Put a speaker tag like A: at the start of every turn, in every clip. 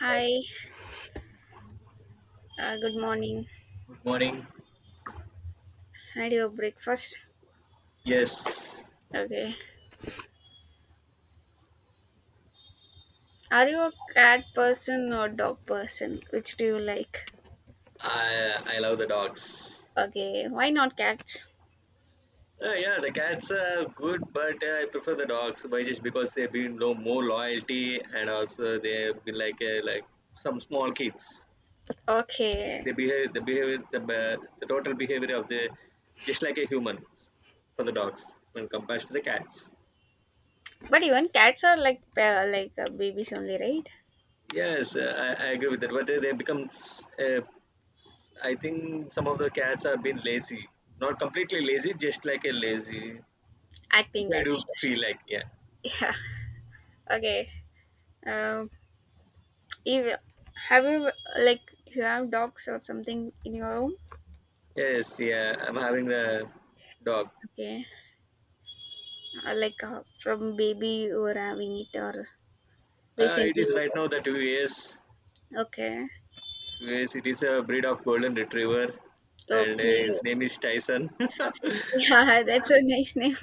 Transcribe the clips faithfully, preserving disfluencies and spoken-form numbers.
A: Hi, uh, good morning.
B: Good morning.
A: Had your breakfast?
B: Yes,
A: Okay. Are you a cat person or dog person? Which do you like?
B: I I love the dogs.
A: Okay, why not cats?
B: Uh, yeah, the cats are good, but uh, I prefer the dogs by just because they've been lo- more loyalty and also they've been like uh, like some small kids. They
A: Okay,
B: behave the behavior the, uh, the total behavior of the just like a human for the dogs when compared to the cats.
A: but even cats are like uh, like uh, babies only, right?
B: Yes, uh, I, I agree with that. But they, they becomes uh, I think some of the cats have been lazy, not completely lazy, just like a lazy. Which
A: Acting
B: I
A: like
B: do
A: shit.
B: feel like, yeah.
A: Yeah. Okay. Um. If have you like You have dogs or something in your home?
B: Yes, yeah, I'm having the dog.
A: Okay. Uh, like uh, from baby you were having it or
B: Uh, it
A: recently
B: is
A: you
B: right now the two years.
A: got. Okay.
B: Two years. It is a breed of golden retriever, and uh,
A: Okay.
B: his name is Tyson.
A: Yeah, that's a nice name.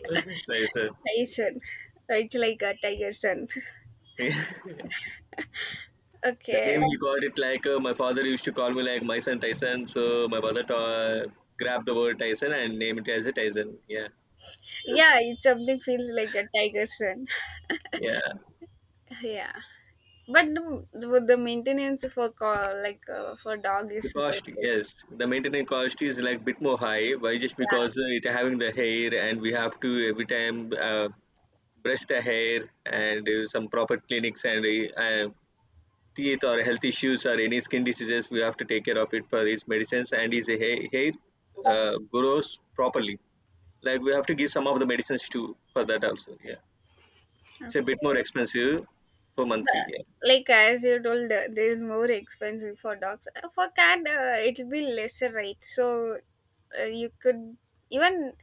B: Tyson.
A: Tyson. It's like a tiger sun.
B: The
A: Okay.
B: name he got it like uh, my father used to call me like my son Tyson. So my mother ta- grabbed the word Tyson and named it as a Tyson. Yeah.
A: Yeah, it something feels like a tiger sun.
B: Yeah,
A: Yeah. But the, the the maintenance for co- like uh, for dog
B: the
A: is more
B: cost,
A: it.
B: yes. The maintenance cost is like bit more high, why just
A: Yeah.
B: because uh, it having the hair and we have to every time uh, brush the hair and uh, some proper clinics and uh, uh, teeth or health issues or any skin diseases we have to take care of it for its medicines and his hair, hair uh, grows properly like we have to give some of the medicines too for that also. Yeah, it's a bit more
A: Okay.
B: expensive for
A: But
B: monthly. Yeah,
A: like as you told, uh, there is more expensive for dogs. Uh, For cat, uh, it'll be lesser, right? So uh, you could even.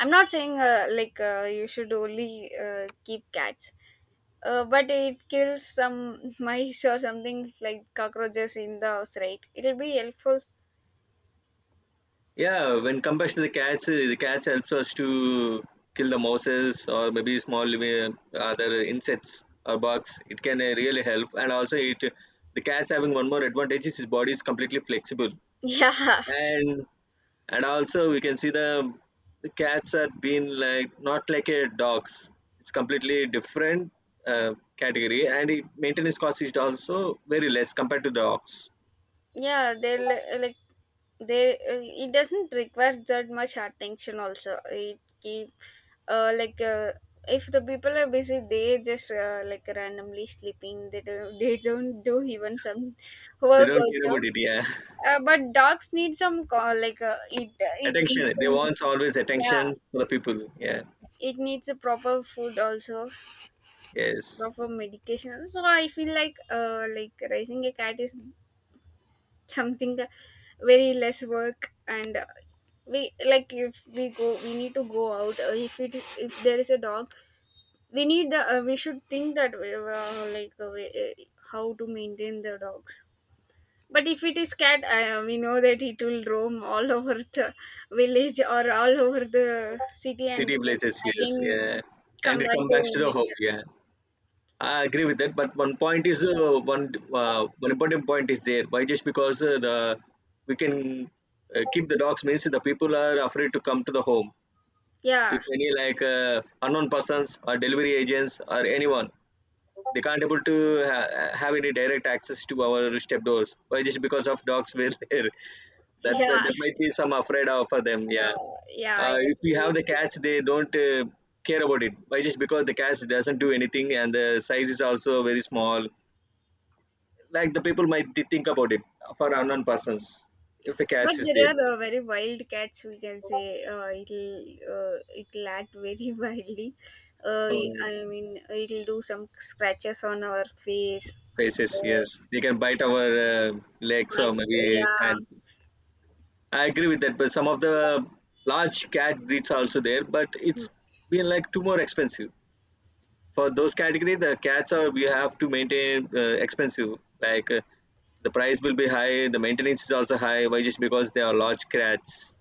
A: I'm not saying uh, like uh, you should only uh, keep cats. Uh, but it kills some mice or something like cockroaches in the house, right? It'll be helpful.
B: yeah, when compared to the cats, uh, the cats helps us to kill the mouses or maybe small uh, other insects or bugs. It can uh, really help, and also it the cats having one more advantage is his body is completely flexible,
A: Yeah,
B: and and also we can see the the cats are being like not like a dogs. It's completely different uh, category, and it, maintenance cost is also very less compared to dogs.
A: yeah. They'll uh, like they. Uh, it doesn't require that much attention. Also, it keep uh like uh, if the people are busy, they just uh, like randomly sleeping. They don't. They don't do even some
B: They
A: work
B: don't care about
A: also.
B: it. Yeah.
A: Uh, but dogs need some co- like uh, it. It needs
B: Attention, they
A: some,
B: want always
A: yeah.
B: attention for the people. Yeah,
A: It needs a proper food also,
B: yes,
A: proper medication. So I feel like uh like raising a cat is something that very less work, and uh, we, like if we go, we need to go out. Uh, if it if there is a dog, we need the uh, we should think that uh, like uh, we, uh, how to maintain the dogs. But if it is cat, uh, we know that it will roam all over the village or all over the city, and
B: city
A: then
B: places, yes,
A: again
B: yeah, and
A: come
B: it
A: back
B: comes
A: to
B: back to the home.
A: nature.
B: Yeah, I agree with that, but one point is uh, one uh, one important point is there. Why just because uh, the we can uh, keep the dogs means the people are afraid to come to the home.
A: Yeah,
B: If any like uh, unknown persons or delivery agents or anyone, they can't able to ha- have any direct access to our step doors, why just because of dogs were there that
A: yeah.
B: that might be some afraid of for them. Yeah,
A: Uh, yeah, I
B: uh, if we have
A: agree with
B: the cats,
A: you.
B: they don't uh, care about it, why just because the cats doesn't do anything and the size is also very small, like the people might thi- think about it for unknown persons if the
A: But
B: cats is
A: there
B: there.
A: are uh, very wild cats. We can say uh, it'll uh, it'll act very wildly. Uh,
B: uh,
A: I mean, it'll do some scratches on our face.
B: Faces,
A: Uh,
B: yes, they can bite our uh, legs or
A: and so,
B: maybe
A: yeah,
B: hands. I agree with that, but some of the large cat breeds are also there, but it's been like too more expensive. For those category, the cats are we have to maintain uh, expensive. Like uh, the price will be high, the maintenance is also high. Why just because they are large cats?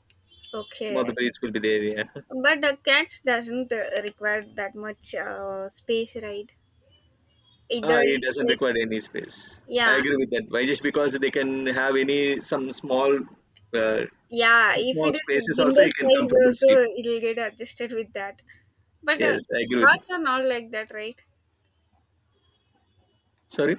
B: Some of the
A: okay.
B: breeds will be there. Yeah,
A: But the cats doesn't uh, require that much uh, space, right? Either
B: ah, it doesn't
A: like,
B: require any space. I
A: yeah,
B: agree with that. Why just because they can have any some small, uh,
A: yeah.
B: some
A: If
B: small
A: it is
B: spaces also,
A: window
B: you can
A: size,
B: comfortable sleep.
A: also it'll get adjusted with that. But uh,
B: Yes, I agree with.
A: dogs are not like that, right?
B: Sorry.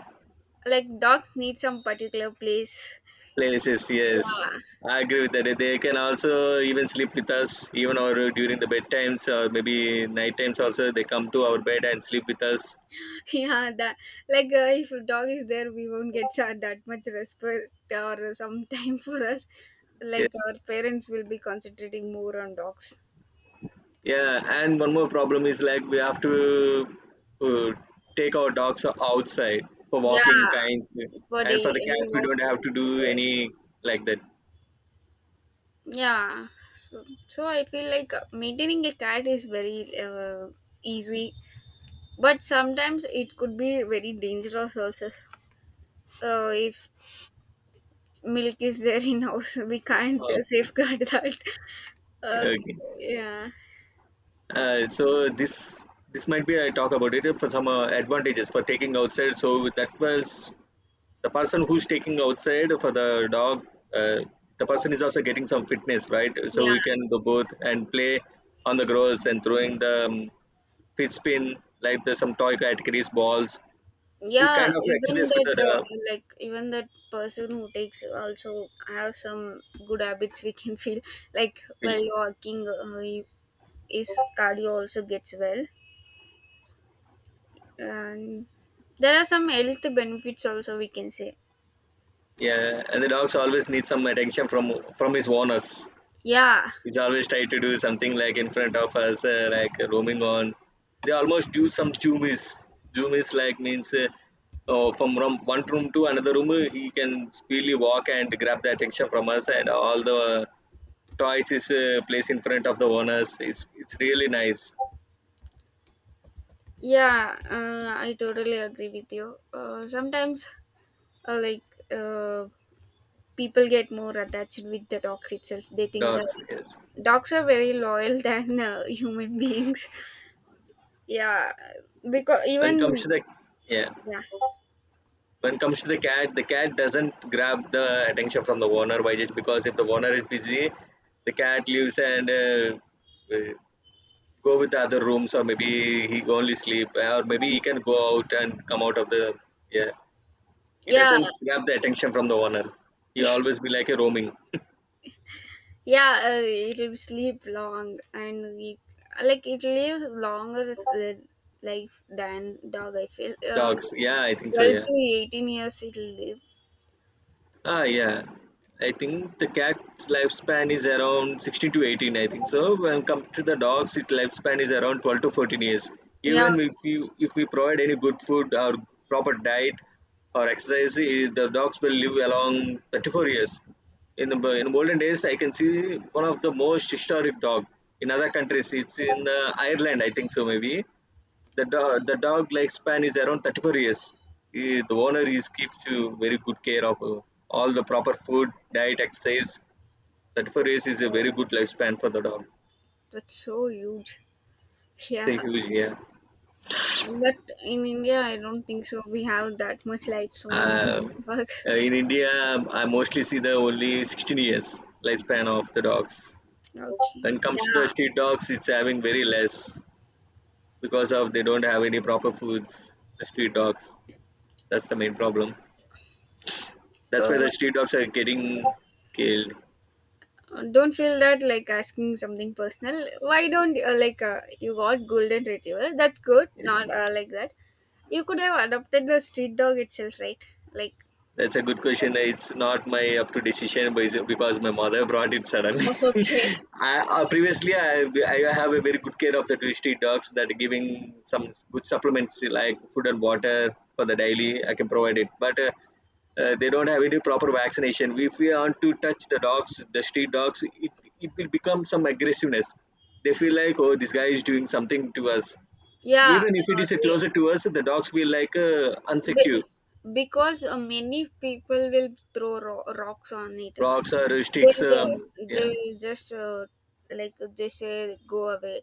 A: Like dogs need some particular place,
B: Places, yes,
A: yeah.
B: I agree with that. They can also even sleep with us, even or during the bedtimes or maybe night times also they come to our bed and sleep with us.
A: Yeah, that like uh, if a dog is there, we won't get sa- that much respect or some time for us,
B: Yeah,
A: like our parents will be concentrating more on dogs.
B: yeah, and one more problem is like we have to uh, take our dogs outside for walking
A: Yeah,
B: kinds,
A: for
B: and
A: day
B: for the
A: we
B: cats we
A: walk,
B: don't have to do any like that.
A: yeah. So, so I feel like uh, maintaining a cat is very uh, easy, but sometimes it could be very dangerous also. Uh, if Milk is there in house. We can't uh,
B: Oh,
A: safeguard that. Uh,
B: okay.
A: yeah,
B: Uh, so this this might be I talk about it for some uh, advantages for taking outside. So with that was the person who's taking outside for the dog, uh, the person is also getting some fitness, right? So
A: yeah,
B: we can do both and play on the grass and throwing the um, fit spin, like the some toy categories balls. It
A: yeah.
B: kind of
A: Even
B: exercise with
A: that,
B: the uh,
A: uh, like even that person who takes also have some good habits. We can feel like while walking, uh, he- his cardio also gets well, and there are some health benefits also. We can say,
B: yeah, and the dogs always need some attention from from his owners.
A: yeah.
B: He's always try to do something like in front of us, uh, like roaming on. They almost do some zoomies. Zoomies like means uh, uh, from room, one room to another room, uh, he can speedily walk and grab the attention from us, and all the toys is uh, placed in front of the owners. It's it's really nice.
A: Yeah, uh, I totally agree with you. Uh, sometimes, uh, like, uh, people get more attached with the dogs itself. They think that
B: Dogs. Yes.
A: dogs are very loyal than uh, human beings. Yeah, because
B: When comes
A: even,
B: to the yeah,
A: yeah,
B: when comes to the cat, the cat doesn't grab the attention from the owner. Why? Just because if the owner is busy, the cat leaves and uh, uh, go with the other rooms or maybe he only sleep uh, or maybe he can go out and come out of the yeah he
A: yeah,
B: doesn't grab the attention from the owner. He always be like a roaming.
A: yeah, uh, it will sleep long, and it, like, it lives longer th- life than dog, I feel. Uh,
B: Dogs, yeah, I think so,
A: twelve
B: yeah.
A: to eighteen years it will live.
B: Ah, yeah. I think the cat's lifespan is around sixteen to eighteen, I think. So when come to the dogs, its lifespan is around twelve to fourteen years.
A: Yeah,
B: Even if you if we provide any good food or proper diet or exercise, eh, the dogs will live along thirty-four years. In the in olden days, I can see one of the most historic dog in other countries. It's in uh, Ireland, I think so maybe. The dog, the dog lifespan is around thirty-four years. Eh, The owner is keeps you very good care of uh, all the proper food, diet, exercise. thirty-four
A: that's.
B: years is a very good lifespan for the dog.
A: That's so huge.
B: It's
A: Yeah,
B: a huge, yeah.
A: but in India, I don't think so. We have that much lights on the
B: Uh,
A: works.
B: uh, in India, I mostly see the only sixteen years lifespan of the dogs.
A: Okay.
B: When comes to the
A: Yeah.
B: street dogs, it's having very less because of they don't have any proper foods. The street dogs, that's the main problem. That's
A: Uh,
B: why the street dogs are getting killed.
A: don't feel that like asking something personal. Why don't uh, like uh, you got golden retriever? That's good. Not
B: Yes.
A: uh, like that. You could have adopted the street dog itself, right? Like
B: That's a good question. It's not my up to decision, but it's because my mother brought it suddenly.
A: okay.
B: I, uh, previously, I, I have a very good care of the two street dogs that giving some good supplements like food and water for the daily. I can provide it, but uh, uh, they don't have any proper vaccination. If we want to touch the dogs, the street dogs, it, it will become some aggressiveness. They feel like, oh, this guy is doing something to us.
A: Yeah,
B: Even if it
A: uh,
B: is uh,
A: they,
B: closer to us, the dogs feel like uh,
A: be-
B: unsecure,
A: because uh, many people will throw ro- rocks on it.
B: rocks or sticks,
A: They'll
B: um,
A: ju-
B: yeah,
A: they'll just uh, like they say go away,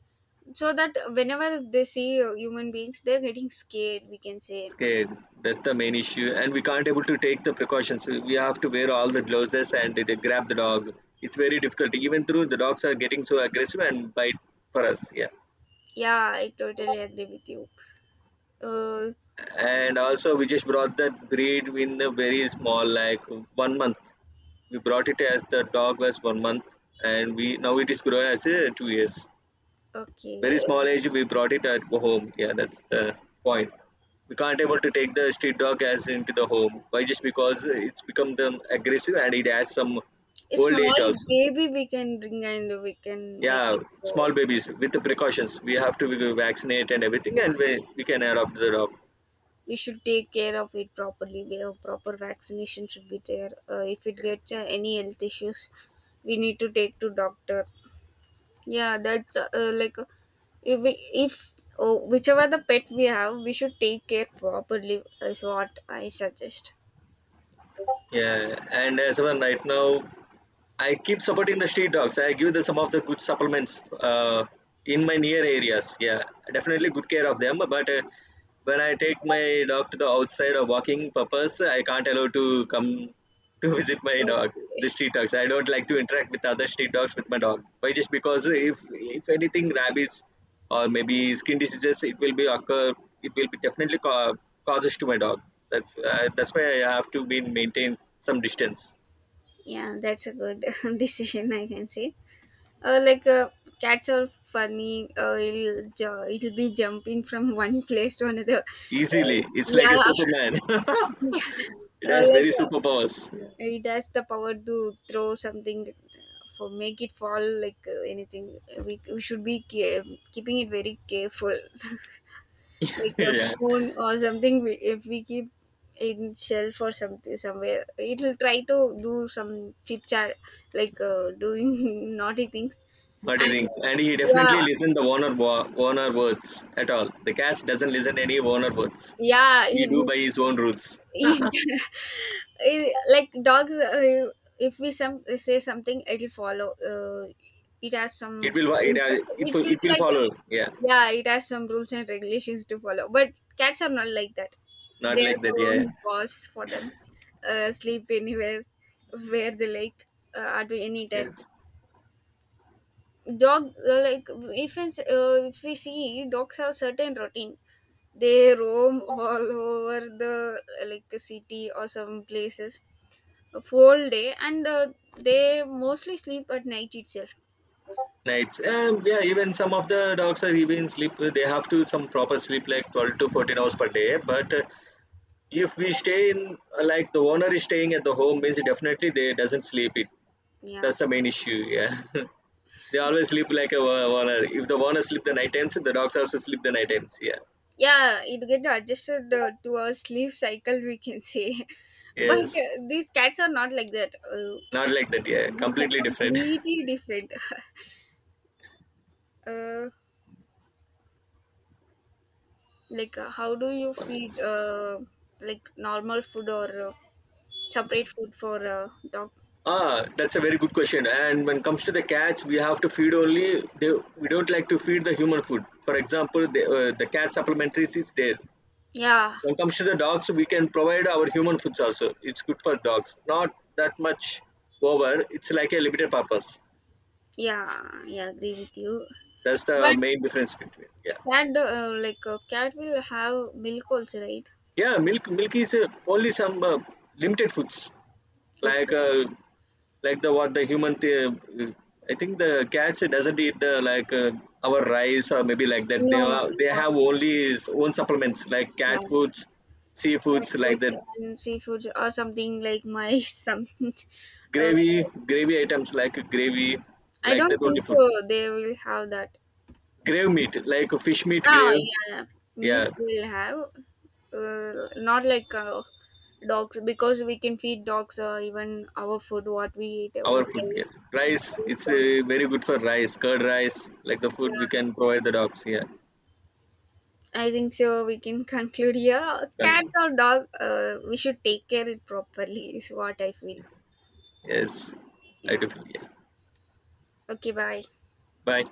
A: so that whenever they see uh, human beings they're getting scared, we can say.
B: scared, that's the main issue, and we can't able to take the precautions. We have to wear all the gloves and they grab the dog. It's very difficult. Even though the dogs are getting so aggressive and bite for us. Yeah,
A: Yeah, I totally agree with you. uh,
B: and also we just brought that breed in a very small like one month. We brought it as the dog was one month and we now it is grown as a two years. Very
A: okay.
B: small age we brought it at home. Yeah, that's the point. We can't able to take the street dog as into the home, why just because it's become them aggressive and it has some
A: A
B: old age
A: small
B: also.
A: baby we can bring and we can make
B: Yeah,
A: it grow,
B: small babies with the precautions we have to vaccinate and everything,
A: yeah.
B: and we, we can adopt the dog.
A: We should take care of it properly, we have proper vaccination should be there. Uh, if it gets uh, any health issues, we need to take to doctor. Yeah, that's uh, like uh, if, we, if oh, whichever the pet we have, we should take care properly, is what I suggest.
B: Yeah, and as of right now I keep supporting the street dogs. I give the, some of the good supplements uh, in my near areas. Yeah, definitely good care of them. But uh, when I take my dog to the outside or walking purpose, I can't allow to come to visit my
A: So,
B: dog. The street dogs. I don't like to interact with other street dogs with my dog. Why? Just because if if anything, rabies or maybe skin diseases, it will be occur. It will be definitely ca- causes to my dog. That's uh, that's why I have to be maintain some distance.
A: yeah, that's a good decision, I can say. Uh, like, uh, Cats are funny, uh, it'll, ju- it'll be jumping from one place to another. Uh,
B: Easily, it's like
A: yeah,
B: a Superman. It
A: uh,
B: has
A: like
B: very
A: uh,
B: superpowers.
A: it has the power to throw something, for make it fall like uh, anything. We, we should be care- keeping it very careful. Like a
B: Yeah,
A: phone or something, we, if we keep in shelf or something somewhere, it'll try to do some chit chat, like uh, doing naughty things.
B: what he
A: And
B: thinks, and he definitely
A: yeah,
B: listen the Warner wa- Warner words at all. The cast doesn't listen any Warner words.
A: yeah,
B: He
A: it,
B: do by his own rules.
A: it, it- like dogs, uh, if we some say something it'll follow. Uh, it has
B: It
A: some,
B: will wa- it uh, it
A: it
B: will- It
A: feels
B: will
A: like,
B: follow. Yeah,
A: yeah, it has some rules and regulations to follow. But cats are not like that.
B: not
A: They're
B: like that.
A: their
B: Yeah,
A: own boss for them. Uh, sleep anywhere, where they like, uh, at any time.
B: yes.
A: Dog, uh, like, if, it's, uh, if we see, dogs have certain routine. They roam all over the, uh, like, city or some places for whole day. And uh, they mostly sleep at night itself.
B: Nights. Um, yeah, even some of the dogs are even sleep. They have to some proper sleep like twelve to fourteen hours per day. But uh, if we stay in uh, like the owner is staying at the home means definitely they doesn't sleep it.
A: Yeah.
B: That's the main issue. Yeah, they always sleep like a wa- warner. If the warner sleep the night times, the dogs also sleep the night times. Yeah,
A: Yeah, it get adjusted uh, to our sleep cycle, we can say. But
B: yes,
A: uh, these cats are not like that. Uh,
B: not like that. Yeah, completely different.
A: completely different. uh, like uh, how do you feed?
B: Warners.
A: Uh, like normal food, or uh, separate food for uh, dog?
B: Ah, that's a very good question. And when it comes to the cats, we have to feed only. They, we don't like to feed the human food. For example, the uh, the cat supplementaries is there.
A: Yeah,
B: When it comes to the dogs, we can provide our human foods also. It's good for dogs. Not that much over. It's like a limited purpose.
A: yeah, yeah. Agree with you.
B: That's the
A: But
B: main difference between. Yeah.
A: cat uh, like uh, cat will have milk also, right?
B: Yeah, milk milk is uh, only some uh, limited foods, like
A: Okay.
B: uh, like the what the human. Th- uh, I think the cats doesn't eat the like uh, our rice or maybe like that. They
A: No, no,
B: are they
A: no,
B: have only his own supplements like cat
A: yeah,
B: foods,
A: cat
B: seafoods like
A: foods
B: that,
A: and seafoods or something like mice. Some Uh,
B: gravy gravy items like gravy
A: I
B: like that
A: don't think
B: only food.
A: so. They will have that.
B: Grave meat like fish meat
A: Ah,
B: grave.
A: yeah, yeah, meat
B: Yeah,
A: will have. Uh, not like uh, dogs, because we can feed dogs uh, even our food what we eat, or
B: our food.
A: rice.
B: Yes, rice.
A: Or
B: It's
A: some,
B: uh, very good for rice, curd rice like the food we
A: yeah.
B: can provide the dogs. Yeah.
A: I think so. We can conclude here. Cat
B: Done.
A: or dog, uh, we should take care it properly. Is what I feel.
B: Yes, I do
A: Yeah.
B: feel, yeah.
A: Okay. Bye.
B: Bye.